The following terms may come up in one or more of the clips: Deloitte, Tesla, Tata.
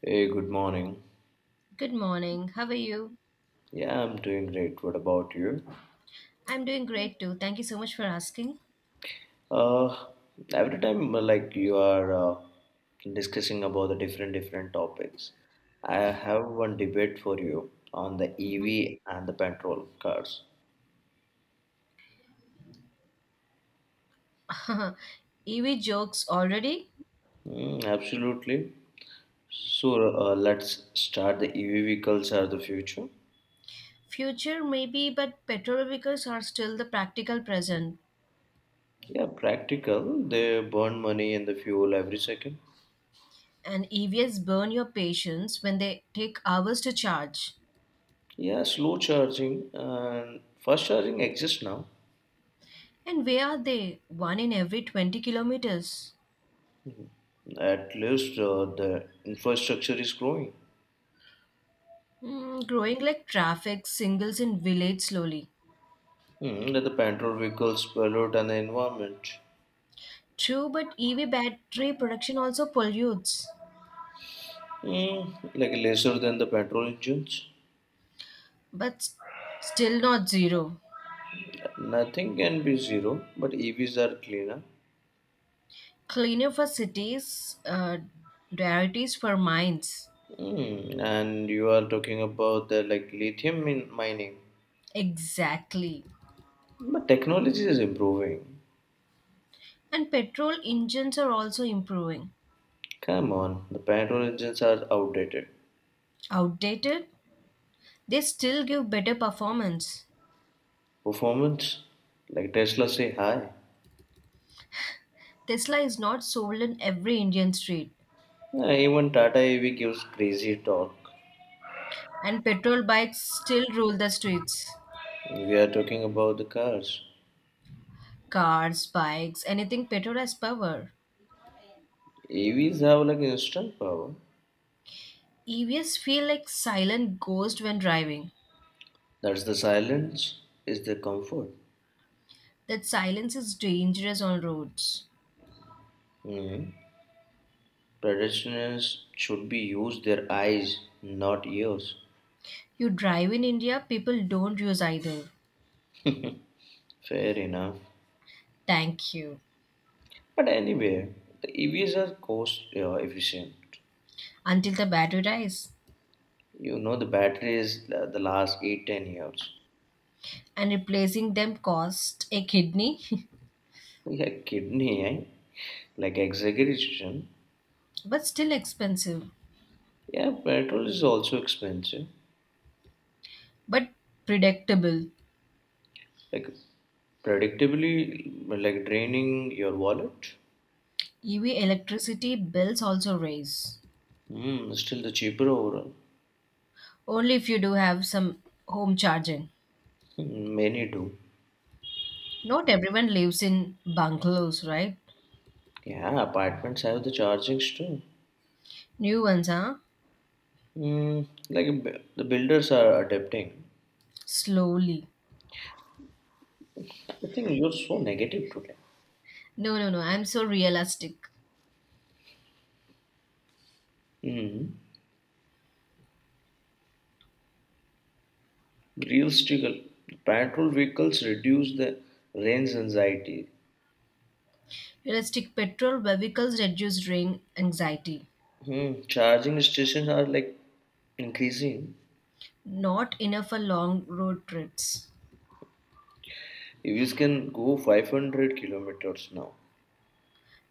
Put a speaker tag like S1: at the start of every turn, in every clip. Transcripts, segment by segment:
S1: Hey, good morning.
S2: Good morning. How are you?
S1: Yeah, I'm doing great. What about you?
S2: I'm doing great too. Thank you so much for asking.
S1: Uh, every time like you are discussing about the different topics, I have one debate for you on the
S2: Mhm.
S1: EV and the petrol cars.
S2: EV jokes already?
S1: Mm, absolutely. So let's start. The EV vehicles are the future.
S2: Future maybe, but petrol vehicles are still the practical present.
S1: Yeah, practical. They burn money in the fuel every second.
S2: And EVs burn your patience when they take hours to charge.
S1: Yeah, slow charging and fast charging exists now.
S2: And where are they? One in every 20 kilometers.
S1: At least the infrastructure is growing.
S2: Mm, growing like traffic singles in village slowly.
S1: Like the petrol vehicles pollute and the environment.
S2: True, but EV battery production also pollutes.
S1: Like lesser than the petrol engines.
S2: But still not zero.
S1: Nothing can be zero, but EVs are cleaner.
S2: Cleaner for cities, diarities for mines.
S1: And you are talking about the like lithium mining.
S2: Exactly.
S1: But technology is improving.
S2: And petrol engines are also improving.
S1: Come on, the petrol engines are outdated.
S2: Outdated, they still give better performance.
S1: Performance, like Tesla say hi.
S2: Tesla is not sold in every Indian street,
S1: Even Tata EV gives crazy talk.
S2: and petrol bikes still rule the streets.
S1: We are talking about the cars.
S2: Cars, bikes, anything petrol has power.
S1: AVs have like instant power.
S2: EVs feel like silent ghost when driving.
S1: That's the silence is the comfort.
S2: That silence is dangerous on roads.
S1: Mhm. Pedestrians should be used their eyes, not ears.
S2: You drive in India, people don't use either.
S1: Fair enough.
S2: Thank you.
S1: But anyway, the EVs are cost efficient.
S2: Until the battery dies.
S1: You know the battery is the last eight ten years.
S2: And replacing them cost a kidney,
S1: Yeah, kidney, eh? Like exaggeration.
S2: but still expensive,
S1: Yeah, petrol is also expensive.
S2: but predictable.
S1: Like predictably, like draining your wallet.
S2: EV electricity bills also raise.
S1: Hmm. Still the cheaper overall.
S2: Only if you do have some home charging.
S1: Many do.
S2: Not everyone lives in bungalows, right?
S1: Yeah, apartments have the chargings too.
S2: New ones, huh?
S1: Hmm. Like the builders are adapting.
S2: Slowly.
S1: I think you're so negative today.
S2: No, no, no. I'm so realistic.
S1: Hmm. Real struggle. Petrol vehicles reduce the range anxiety.
S2: Realistic petrol vehicles reduce drain anxiety.
S1: Charging stations are like increasing.
S2: Not enough for long road trips.
S1: EVs can go 500 kilometers now.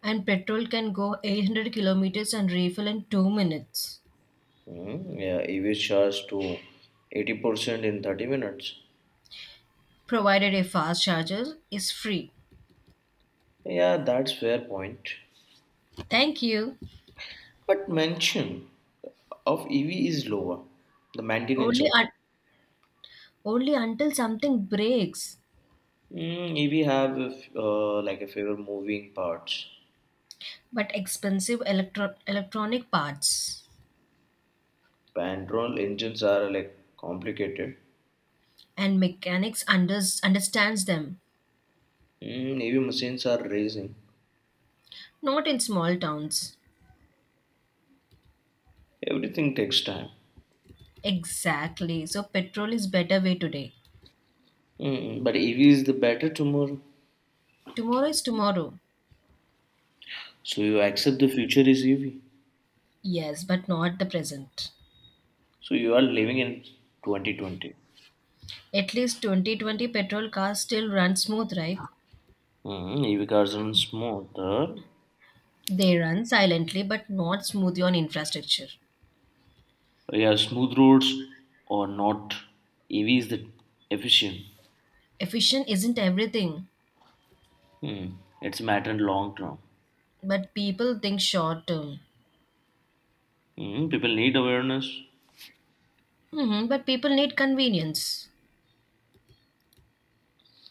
S2: And petrol can go 800 kilometers and refill in 2 minutes,
S1: Yeah, EVs charge to 80% in 30 minutes.
S2: provided a fast charger is free.
S1: Yeah, that's fair point.
S2: Thank you.
S1: But mention of EV is lower. The maintenance
S2: Only
S1: of
S2: only until something breaks.
S1: EV have a like a favor moving parts.
S2: But expensive electronic parts,
S1: Petrol engines are like complicated.
S2: and mechanics understands them.
S1: EV machines are racing.
S2: Not in small towns.
S1: Everything takes time.
S2: Exactly, so petrol is better way today.
S1: But EV is the better tomorrow.
S2: Tomorrow is tomorrow.
S1: So you accept the future is EV.
S2: Yes, but not the present.
S1: So you are living in 2020.
S2: At least 2020 petrol cars still run smooth, right?
S1: EV cars are smoother.
S2: They run silently but not smoothly on infrastructure.
S1: Yeah, smooth roads or not. EV is the efficient.
S2: Efficient isn't everything,
S1: Hmm. It's a matter in long term.
S2: but people think short term.
S1: Hmm. People need awareness.
S2: Hmm, but people need convenience.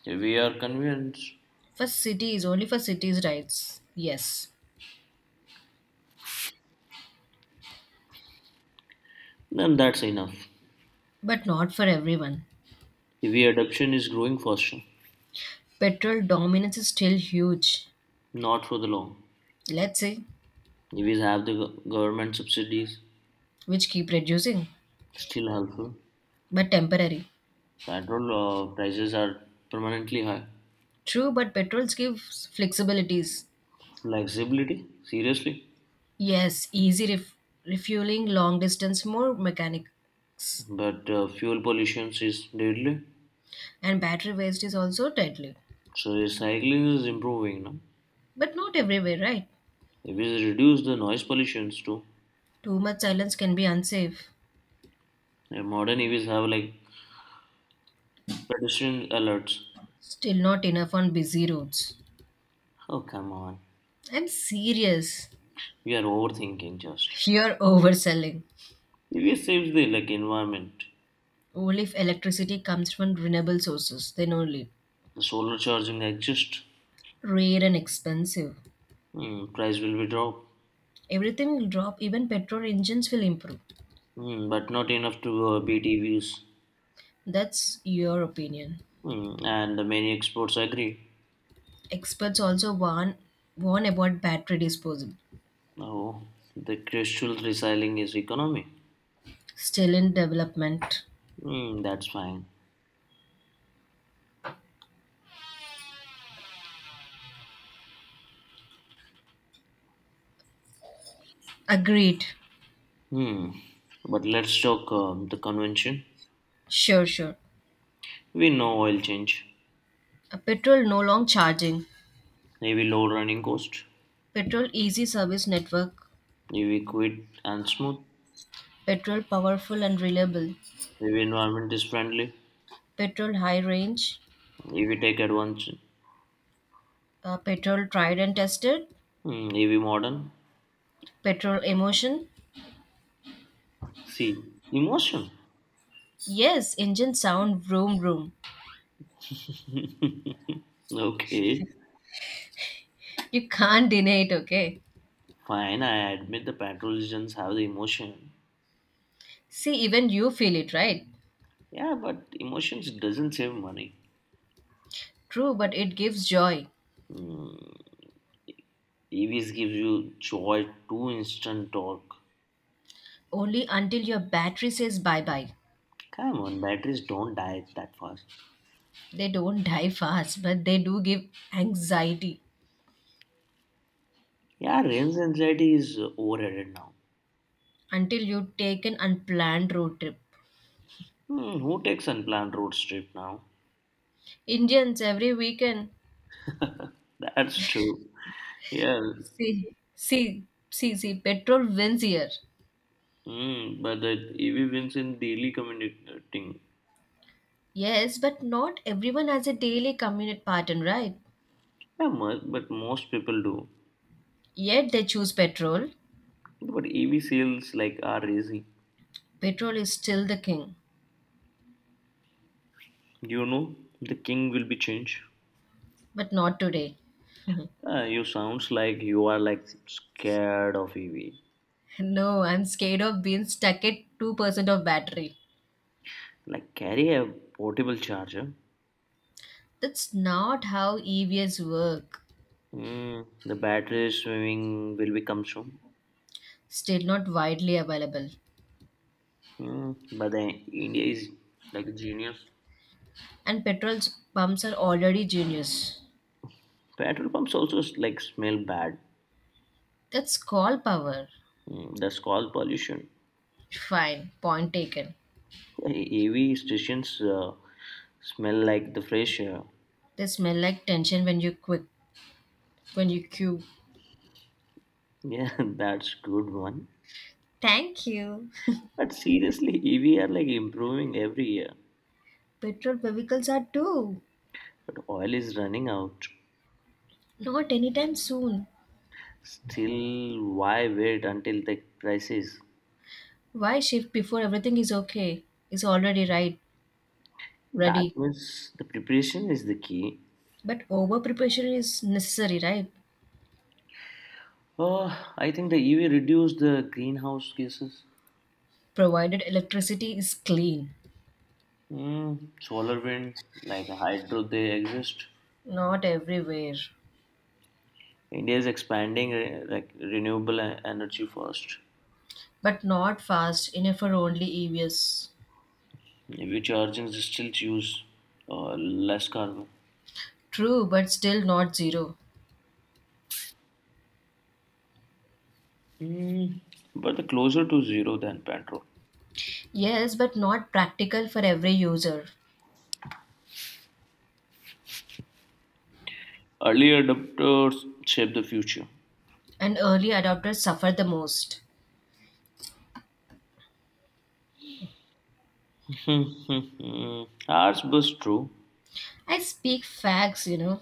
S1: If we are convinced,
S2: For cities, only for cities' rights. Yes,
S1: then that's enough.
S2: but not for everyone.
S1: If EV adoption is growing faster,
S2: Petrol dominance is still huge.
S1: not for the long.
S2: Let's say,
S1: EVs have the government subsidies,
S2: which keep reducing,
S1: still helpful.
S2: but temporary.
S1: Petrol prices are permanently high.
S2: True, but petrols give flexibilities.
S1: Flexibility, seriously.
S2: Yes, easy refueling, long distance, more mechanics,
S1: But fuel pollution is deadly.
S2: and battery waste is also deadly.
S1: So recycling is improving now.
S2: But not everywhere, right?
S1: EVs reduce the noise pollutions too.
S2: Too much silence can be unsafe.
S1: And modern EVs have like pedestrian alerts.
S2: Still not enough on busy roads.
S1: Oh, come on.
S2: I'm serious.
S1: We are overthinking just.
S2: You're overselling.
S1: If EVs saves the like environment.
S2: Only if electricity comes from renewable sources, then only.
S1: The solar charging exists.
S2: Rare and expensive.
S1: Price will be dropped,
S2: Everything will drop, even petrol engines will improve.
S1: but not enough to beat EVs.
S2: That's your opinion.
S1: And many experts agree.
S2: Experts also warn about battery disposal.
S1: Oh, the crucial recycling is economy.
S2: Still in development.
S1: That's fine.
S2: Agreed.
S1: Hmm. But let's talk the convention.
S2: Sure, sure.
S1: We know oil change,
S2: A petrol no long charging.
S1: maybe low running cost,
S2: Petrol easy service network.
S1: maybe quick and smooth,
S2: Petrol powerful and reliable.
S1: maybe environment is friendly,
S2: Petrol high range.
S1: maybe take advantage,
S2: Petrol tried and tested.
S1: maybe modern,
S2: Petrol emotion.
S1: see, emotion.
S2: Yes, engine sound vroom vroom.
S1: Okay,
S2: You can't deny it, okay?
S1: fine. I admit the petrologians have the emotion.
S2: See, even you feel it, right?
S1: Yeah, but emotions doesn't save money.
S2: True, but it gives joy.
S1: Hmm. EVs gives you joy, two instant torque.
S2: Only until your battery says bye bye.
S1: Come on, batteries don't die that fast.
S2: They don't die fast, but they do give anxiety
S1: Yeah, range anxiety is overrated now.
S2: until you take an unplanned road trip.
S1: Who takes unplanned road trip now?
S2: Indians every weekend.
S1: That's true. Yeah.
S2: See, see, see, see, petrol wins here.
S1: Hmm. But that EV wins in daily commuting.
S2: Yes, but not everyone has a daily commute pattern, right?
S1: Yeah, but most people do.
S2: Yet they choose petrol.
S1: But EV sales like are easy.
S2: Petrol is still the king,
S1: You know, the king will be changed.
S2: but not today.
S1: You sounds like you are like scared of EV.
S2: No, I'm scared of being stuck at 2% of battery.
S1: Like carry a portable charger.
S2: That's not how EVs work.
S1: The battery swimming will become soon.
S2: Still not widely available.
S1: But the India is like a genius.
S2: And petrol pumps are already genius.
S1: Petrol pumps also like smell bad.
S2: That's call power.
S1: That's called pollution.
S2: Fine, point taken.
S1: EV stations smell like the fresh air.
S2: They smell like tension when you quick when you queue.
S1: Yeah, that's good one.
S2: Thank you.
S1: But seriously, EV are like improving every year.
S2: Petrol vehicles are too.
S1: But oil is running out.
S2: Not anytime soon.
S1: Still, why wait until the crisis?
S2: Why shift before everything is okay? Is already
S1: That
S2: ready.
S1: means the preparation is the key.
S2: But over preparation is necessary, right?
S1: Oh, I think the EV reduce the greenhouse gases.
S2: Provided electricity is clean.
S1: Solar, wind, like hydro, they exist.
S2: Not everywhere.
S1: India is expanding like renewable energy first.
S2: But not fast enough for only EVs.
S1: EV charging still use less carbon.
S2: True, but still not zero.
S1: Mm, but the closer to zero than petrol.
S2: Yes, but not practical for every user.
S1: Early adopters shape the future.
S2: And early adopters suffer the most.
S1: Mhm. Ours was true.
S2: I speak facts, you know.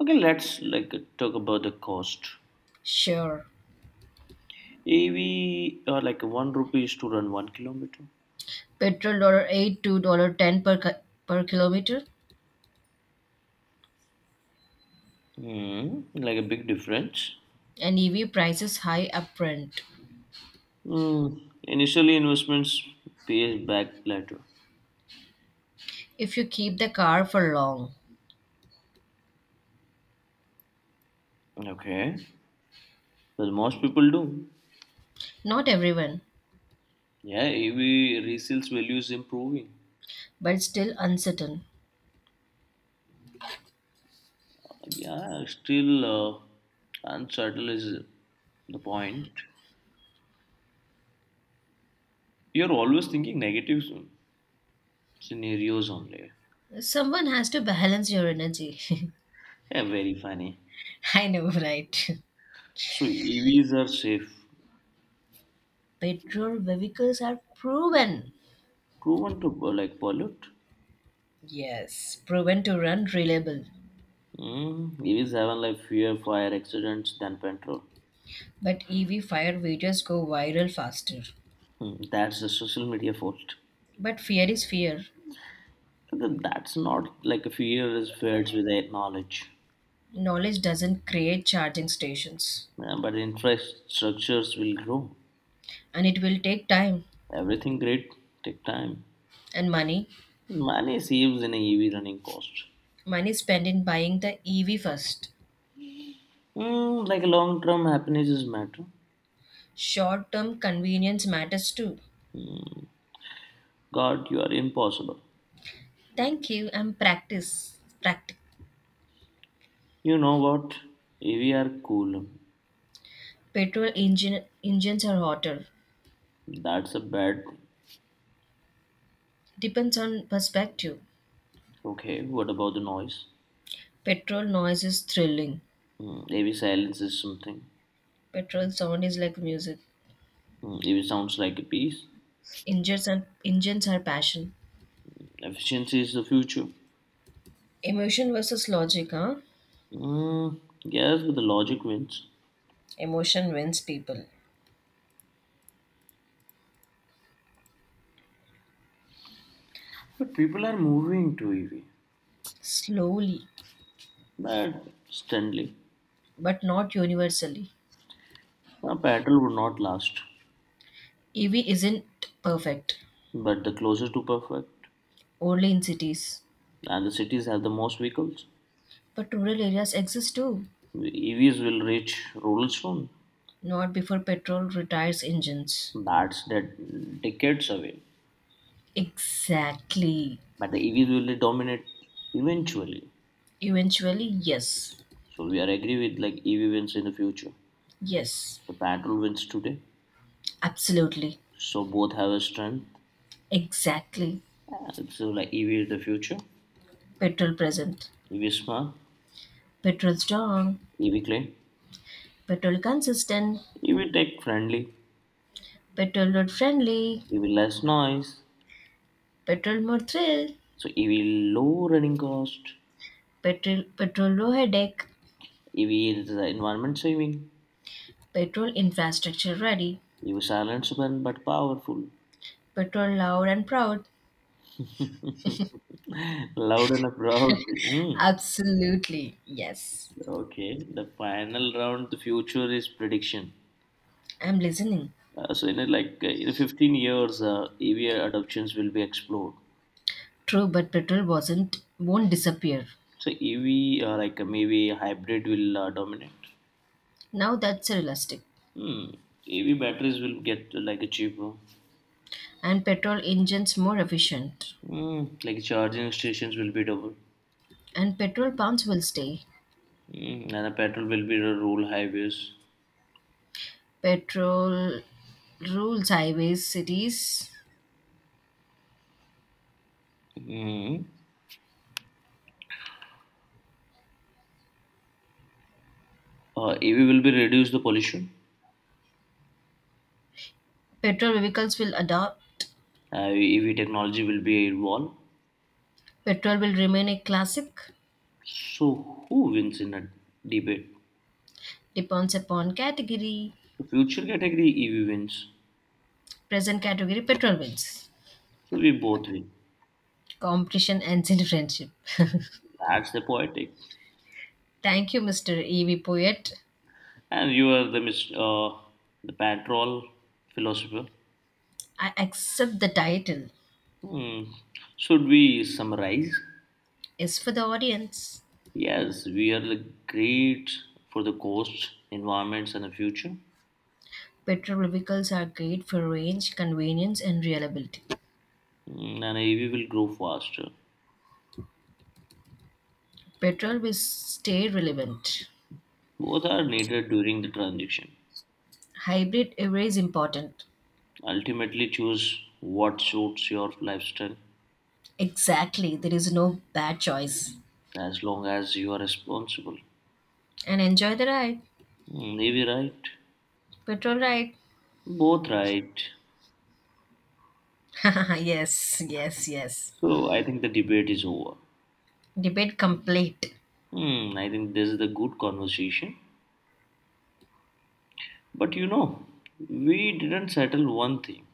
S1: Okay, let's like talk about the cost.
S2: Sure.
S1: EV like one rupees to run 1 kilometer.
S2: Petrol $8 to dollar 10 per kilometer,
S1: Like a big difference.
S2: and EV prices high upfront
S1: Hmm. Initially, investments pays back later.
S2: if you keep the car for long.
S1: Okay, but most people do.
S2: Not everyone,
S1: Yeah, EV resales value is improving.
S2: but it's still uncertain.
S1: Yeah, still uncertain is the point. You're always thinking negative scenarios only.
S2: Someone has to balance your energy.
S1: Yeah, very funny.
S2: I know, right?
S1: So EVs are safe,
S2: Petrol vehicles are proven.
S1: proven to like pollute.
S2: Yes, proven to run reliable.
S1: EVs have like fewer fire accidents than petrol.
S2: But EV fire videos go viral faster.
S1: That's the social media fault.
S2: But fear is fear.
S1: That's not like a fear is fed with their knowledge,
S2: Knowledge doesn't create charging stations.
S1: yeah, but infrastructures will grow.
S2: And it will take time
S1: Everything great take time.
S2: and money.
S1: Money saves in a EV running cost.
S2: Money spent in buying the EV first.
S1: Like long term happiness is matter.
S2: Short term convenience matters too.
S1: God, you are impossible.
S2: Thank you. And practice. Practice.
S1: You know what? EV are cool.
S2: Petrol engines are hotter.
S1: That's a bad thing.
S2: Depends on perspective.
S1: Okay, what about the noise?
S2: Petrol noise is thrilling.
S1: AV silence is something.
S2: Petrol sound is like music.
S1: AV sounds like a piece.
S2: Engines and engines are passion.
S1: Efficiency is the future.
S2: Emotion versus logic, huh?
S1: Yes, but the logic wins.
S2: Emotion wins people.
S1: But people are moving to EV.
S2: Slowly,
S1: But Stanley,
S2: but not universally.
S1: a battle would not last.
S2: EV isn't perfect,
S1: But the closer to perfect,
S2: only in cities.
S1: and the cities have the most vehicles,
S2: But rural areas exist too.
S1: EVs will reach rural soon.
S2: Not before petrol retires engines.
S1: That's that decades away.
S2: Exactly.
S1: But the EVs will dominate eventually.
S2: Eventually, yes.
S1: So we are agree with like EV wins in the future.
S2: Yes.
S1: The battle wins today.
S2: Absolutely.
S1: So both have a strength.
S2: Exactly.
S1: So like EV is the future.
S2: Petrol present.
S1: EV smart,
S2: Petrol strong.
S1: EV clean,
S2: Petrol consistent.
S1: EV tech friendly,
S2: Petrol road friendly.
S1: EV less noise.
S2: Petrol more thrill.
S1: So EV low running cost.
S2: Petrol low headache.
S1: EV is environment saving.
S2: Petrol infrastructure ready.
S1: EV silent stubborn but powerful.
S2: Petrol loud and proud.
S1: Loud and proud. Mm.
S2: Absolutely. Yes.
S1: Okay, the final round, the future is prediction.
S2: I'm listening.
S1: So like in 15 years, EV adoptions will be explored.
S2: True, but petrol wasn't won't disappear.
S1: So EV, like maybe hybrid will dominate.
S2: Now that's realistic.
S1: Hmm. EV batteries will get like a cheaper.
S2: And petrol engines more efficient.
S1: Hmm. Like charging stations will be double.
S2: And petrol pumps will stay.
S1: Hmm. And the petrol will be the rural highways.
S2: Petrol rules highways, cities.
S1: Hmm. EV will be reduce the pollution.
S2: Petrol vehicles will adopt.
S1: EV technology will be evolved.
S2: Petrol will remain a classic.
S1: So who wins in a debate?
S2: Depends upon category.
S1: The future category EV wins.
S2: Present category, petrol wins.
S1: So we both win.
S2: Competition ends in friendship.
S1: That's the poetic.
S2: Thank you, Mr. E.V. Poet.
S1: And you are the the petrol philosopher.
S2: I accept the title.
S1: Hmm. Should we summarize?
S2: Is for the audience.
S1: Yes, we are like, great for the coast, environments, and the future.
S2: Petrol vehicles are great for range, convenience, and reliability.
S1: And AV will grow faster.
S2: Petrol will stay relevant.
S1: Both are needed during the transition.
S2: Hybrid array is important.
S1: Ultimately, choose what suits your lifestyle
S2: Exactly. There is no bad choice.
S1: as long as you are responsible.
S2: And enjoy the ride.
S1: AV right?
S2: Petrol ride.
S1: Both right.
S2: Yes, yes, yes.
S1: So I think the debate is over.
S2: Debate complete.
S1: I think this is the good conversation. But we didn't settle one thing.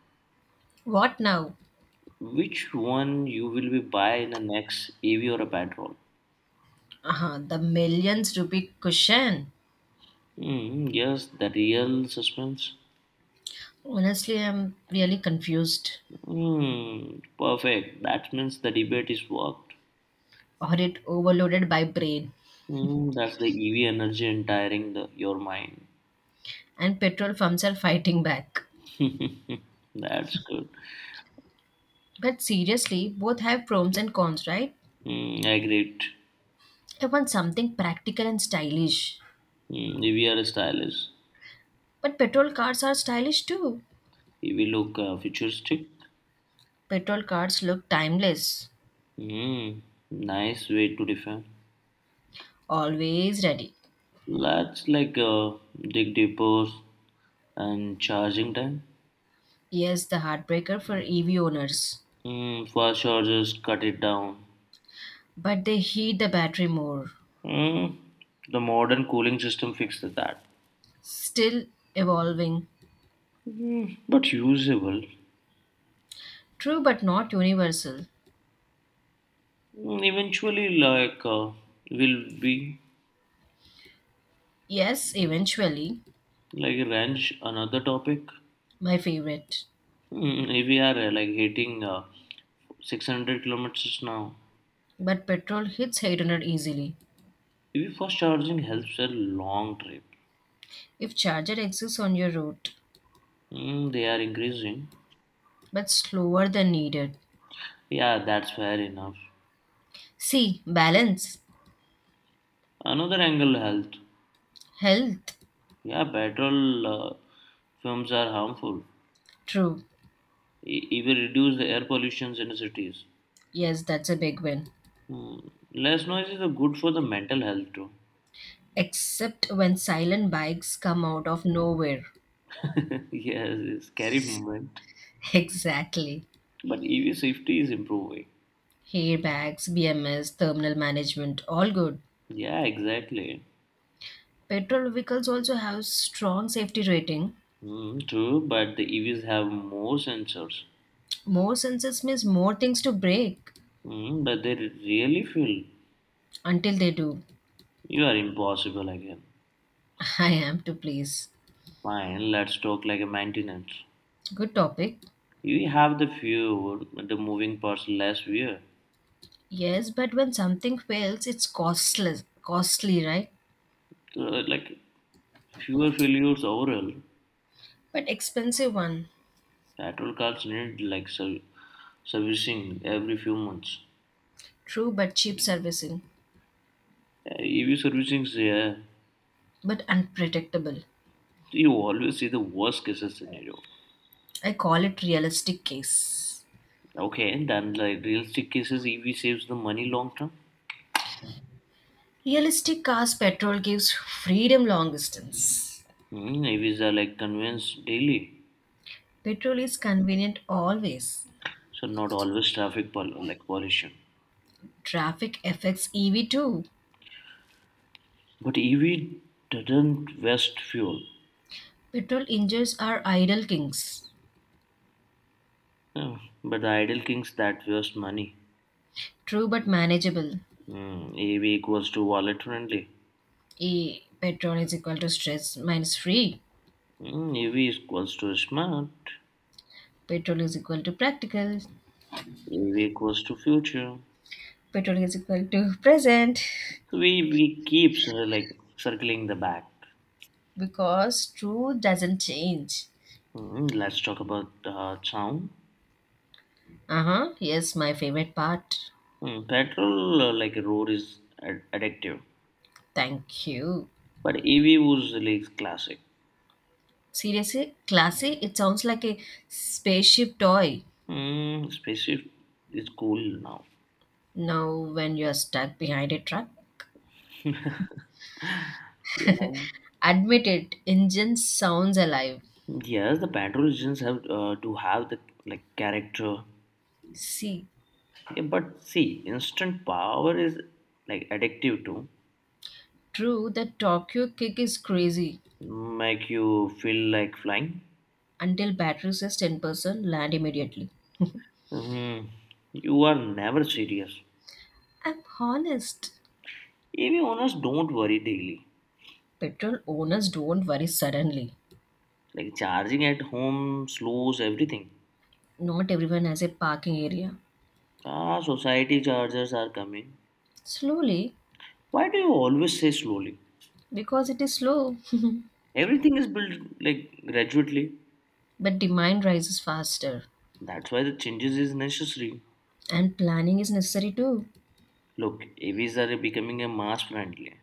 S2: What now?
S1: Which one you will be buy in the next EV or a petrol?
S2: Uh-huh, the millions rupee cushion.
S1: Yes, the real suspense.
S2: Honestly, I'm really confused
S1: Perfect. That means the debate is worked.
S2: or it overloaded by brain.
S1: That's the EV energy entiring your mind.
S2: And petrol firms are fighting back.
S1: That's good.
S2: But seriously, both have pros and cons, right?
S1: I agree.
S2: I want something practical and stylish.
S1: EV are stylish.
S2: But petrol cars are stylish too.
S1: EV look futuristic.
S2: Petrol cars look timeless.
S1: Hmm, Nice way to define.
S2: Always ready.
S1: Let's like dig deeper and charging time.
S2: Yes, the heartbreaker for EV owners,
S1: Fast chargers cut it down.
S2: but they heat the battery more.
S1: Mm, the modern cooling system fixed that.
S2: Still evolving.
S1: But usable.
S2: True, but not universal.
S1: Eventually, like, will be
S2: Yes, eventually,
S1: like range another topic.
S2: my favorite.
S1: If we are like hitting 600 kilometers now,
S2: But petrol hits 800 easily
S1: if EV fast charging helps a long trip.
S2: if charger exists on your route,
S1: They are increasing.
S2: but slower than needed.
S1: Yeah, that's fair enough.
S2: See, balance,
S1: Another angle health.
S2: health.
S1: Yeah, petrol fumes are harmful.
S2: True.
S1: It will reduce the air pollution in cities.
S2: Yes, that's a big win.
S1: Hmm. Less noise is good for the mental health too.
S2: Except when silent bikes come out of nowhere.
S1: Yes, it's scary moment.
S2: Exactly.
S1: But EV safety is improving.
S2: Airbags, BMS, terminal management, all good.
S1: Yeah, exactly.
S2: Petrol vehicles also have strong safety rating.
S1: True, but the EVs have more sensors.
S2: More sensors means more things to break.
S1: But they really feel
S2: Until they do,
S1: you are impossible again.
S2: I am to please.
S1: Fine, let's talk like a maintenance.
S2: Good topic.
S1: You have the fewer, the moving parts less wear.
S2: Yes, but when something fails, it's costless, costly, right?
S1: So, like fewer failures overall.
S2: But expensive one.
S1: Petrol cars need like servicing every few months.
S2: True, but cheap servicing.
S1: EV servicing, yeah,
S2: But unpredictable.
S1: you always see the worst cases scenario.
S2: I call it realistic case.
S1: Okay, then like realistic cases, EV saves the money long term.
S2: Realistic cars petrol gives freedom long distance.
S1: EVs are like convinced daily,
S2: Petrol is convenient always.
S1: so not always traffic like pollution.
S2: Traffic affects EV too.
S1: But EV doesn't waste fuel.
S2: Petrol engines are idle kings.
S1: Uh, but the idle kings that waste money.
S2: True but manageable.
S1: EV equals to wallet friendly.
S2: E petrol is equal to stress minus free.
S1: EV equals to smart.
S2: Petrol is equal to practical.
S1: EV equals to future.
S2: Petrol is equal to present.
S1: So we keeps like circling the back.
S2: Because truth doesn't change.
S1: Let's talk about sound.
S2: Uh huh. Yes, my favorite part.
S1: Petrol, like a road, is addictive,
S2: Thank you.
S1: but EV was like classic.
S2: Seriously, classy, it sounds like a spaceship toy.
S1: Spaceship is cool now.
S2: Now, when you're stuck behind a truck,
S1: Yeah.
S2: admit it, engine sounds alive.
S1: Yes, the petrol engines have to have the like character,
S2: See,
S1: yeah, but see, instant power is like addictive too.
S2: true, the Tokyo kick is crazy.
S1: Make you feel like flying.
S2: Until battery says 10%, land immediately.
S1: Hmm. You are never serious.
S2: I'm honest.
S1: EV owners don't worry daily.
S2: Petrol owners don't worry suddenly.
S1: Like charging at home slows everything.
S2: Not everyone has a parking area.
S1: Ah, society chargers are coming.
S2: Slowly,
S1: Why do you always say slowly?
S2: because it is slow.
S1: Everything is built like gradually.
S2: But demand rises faster.
S1: That's why the changes is necessary.
S2: And planning is necessary too.
S1: Look, EVs are becoming a mass friendly.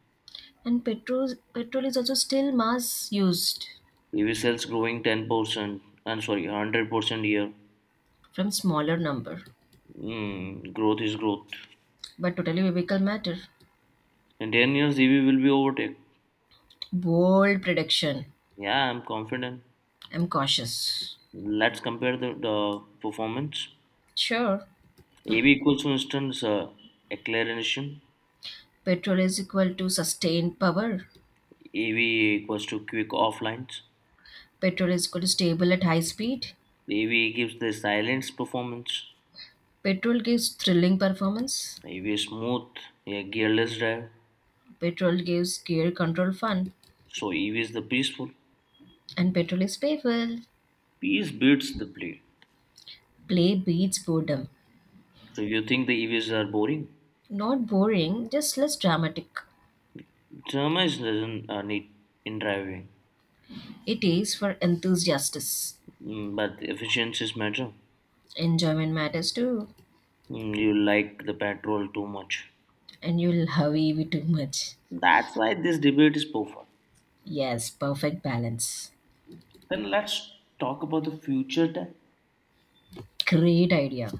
S2: And petrol is also still mass used
S1: EV sales growing 10%, I'm sorry, 100% year.
S2: from smaller number.
S1: Growth is growth.
S2: But totally vehicle matter.
S1: In 10 years, EV will be overtake.
S2: Bold prediction.
S1: Yeah, I'm confident.
S2: I'm cautious.
S1: Let's compare the performance.
S2: Sure,
S1: AV equals, for instance, acceleration.
S2: petrol is equal to sustained power.
S1: AV equals to quick offlines.
S2: Petrol is equal to stable at high speed.
S1: The EVA gives the silence performance.
S2: Petrol gives thrilling performance.
S1: The EVA is smooth, a gearless drive.
S2: Petrol gives gear control fun.
S1: So EVA is the peaceful.
S2: And petrol is playful.
S1: Peace beats the play.
S2: Play beats boredom.
S1: So you think the EVs are boring?
S2: Not boring, just less dramatic.
S1: Drama is doesn't need in driving,
S2: It is for enthusiasts.
S1: But efficiencies matter.
S2: Enjoyment matters too.
S1: You like the petrol too much.
S2: And you will love EV too much.
S1: That's why this debate is perfect.
S2: Yes, perfect balance.
S1: Then let's talk about the future time.
S2: Great idea.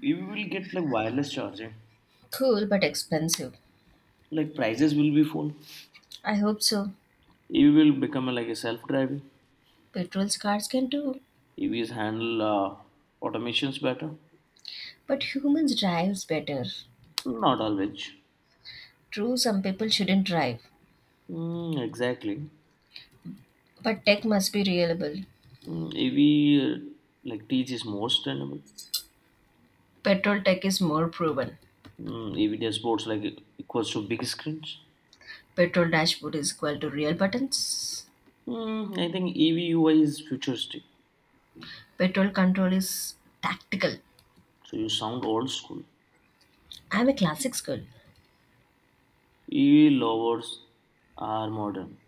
S1: We will get like wireless charging.
S2: Cool but expensive.
S1: Like prices will be full.
S2: I hope so.
S1: EV will become like a self-driving.
S2: Petrol cars can too,
S1: EVs handle automations better?
S2: but humans drives better.
S1: Not always.
S2: True, some people shouldn't drive,
S1: Exactly.
S2: but tech must be reliable.
S1: EV uh, like teaches more sustainable.
S2: Petrol tech is more proven.
S1: EV dashboards like equals to big screens.
S2: Petrol dashboard is equal to real buttons.
S1: I think EV is futuristic.
S2: Petrol control is tactical.
S1: So you sound old school.
S2: I'm a classics girl.
S1: EV lovers are modern.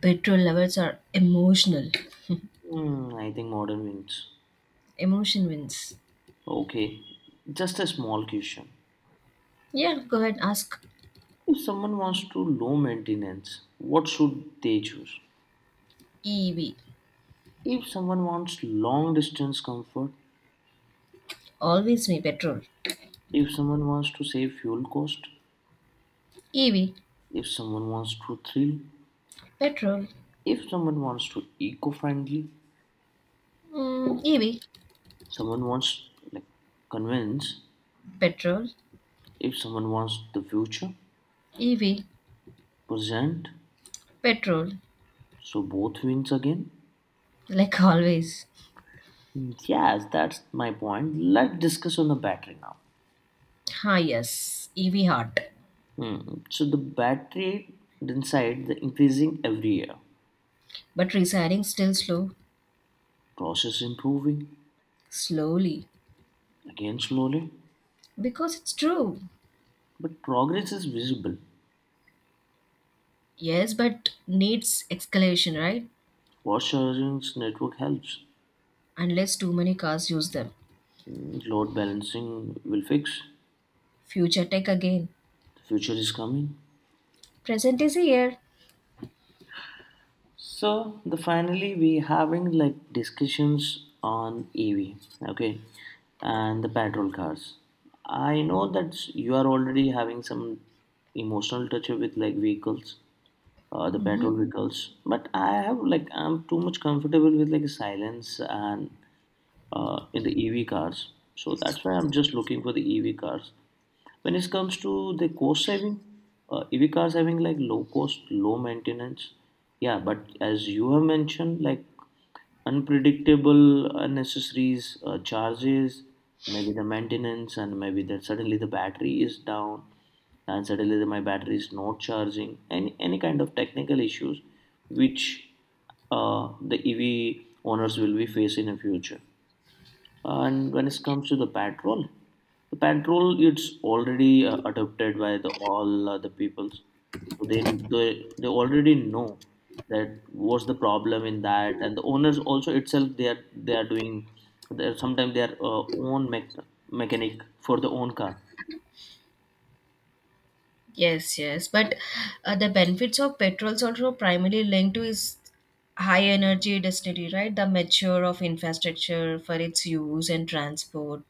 S2: Petrol lovers are emotional.
S1: I think modern wins.
S2: Emotion wins.
S1: Okay, just a small question.
S2: Yeah, go ahead ask.
S1: If someone wants to low maintenance, what should they choose?
S2: EV.
S1: If someone wants long distance comfort,
S2: Always me petrol.
S1: if someone wants to save fuel cost,
S2: EV.
S1: if someone wants to thrill,
S2: Petrol.
S1: if someone wants to eco friendly,
S2: Mm, EV.
S1: someone wants like convince,
S2: Petrol.
S1: if someone wants the future,
S2: EV.
S1: present,
S2: Petrol.
S1: so both wins again.
S2: Like always.
S1: Yes, that's my point. Let's discuss on the battery now.
S2: Ah, yes, EV heart.
S1: Hmm. So the battery inside the increasing every year.
S2: But resigning still slow,
S1: Process improving
S2: slowly.
S1: again slowly,
S2: Because it's true.
S1: but progress is visible.
S2: Yes, but needs escalation, right?
S1: What sharing network helps?
S2: Unless too many cars use them.
S1: Load balancing will fix.
S2: Future tech again.
S1: The future is coming.
S2: Present is here.
S1: So the finally we having like discussions on EV, okay, and the petrol cars. I know that you are already having some emotional touch with like vehicles, the
S2: Mm-hmm.
S1: petrol vehicles, but I have like I'm too much comfortable with like silence and in the EV cars. So that's why I'm just looking for the EV cars. When it comes to the cost saving, EV cars having like low cost, low maintenance. Yeah, but as you have mentioned, like unpredictable, unnecessary charges, maybe the maintenance, and maybe that suddenly the battery is down, and suddenly my battery is not charging. Any kind of technical issues, which the EV owners will be facing in future. And when it comes to the patrol, it's already adopted by the all the peoples. So they already know that what's the problem in that, and the owners also itself they are doing. They're, sometimes their own mechanic for the own car.
S2: Yes, yes. But the benefits of petrols also primarily linked to is high energy density, right? The mature of infrastructure for its use and transport.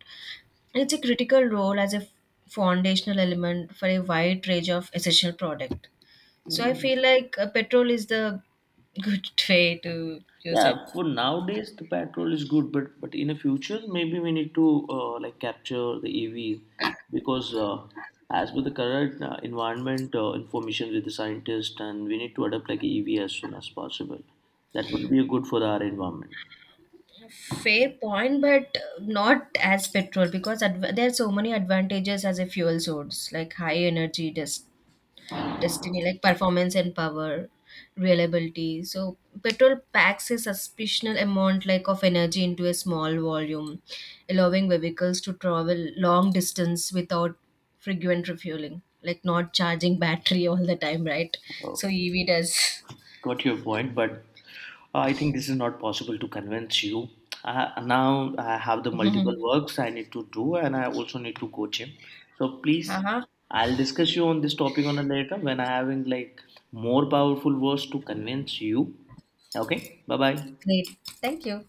S2: It's a critical role as a foundational element for a wide range of essential product. So I feel like petrol is the good way to use it.
S1: Yeah, for nowadays the petrol is good, but in the future maybe we need to like capture the EVs because as per the current environment information with the scientist and we need to adopt like EV as soon as possible. That would be good for our environment.
S2: Fair point, but not as petrol because there are so many advantages as a fuel source, like high energy destiny like performance and power reliability. So petrol packs a suspicious amount like of energy into a small volume, allowing vehicles to travel long distance without frequent refueling, like not charging battery all the time, right?
S1: Uh,
S2: So EV does
S1: got your point, but I think this is not possible to convince you. Now I have the multiple works I need to do, and I also need to coach him. So please,
S2: uh-huh.
S1: I'll discuss you on this topic on a later when I having like more powerful words to convince you. Okay, bye bye.
S2: Great. Thank you.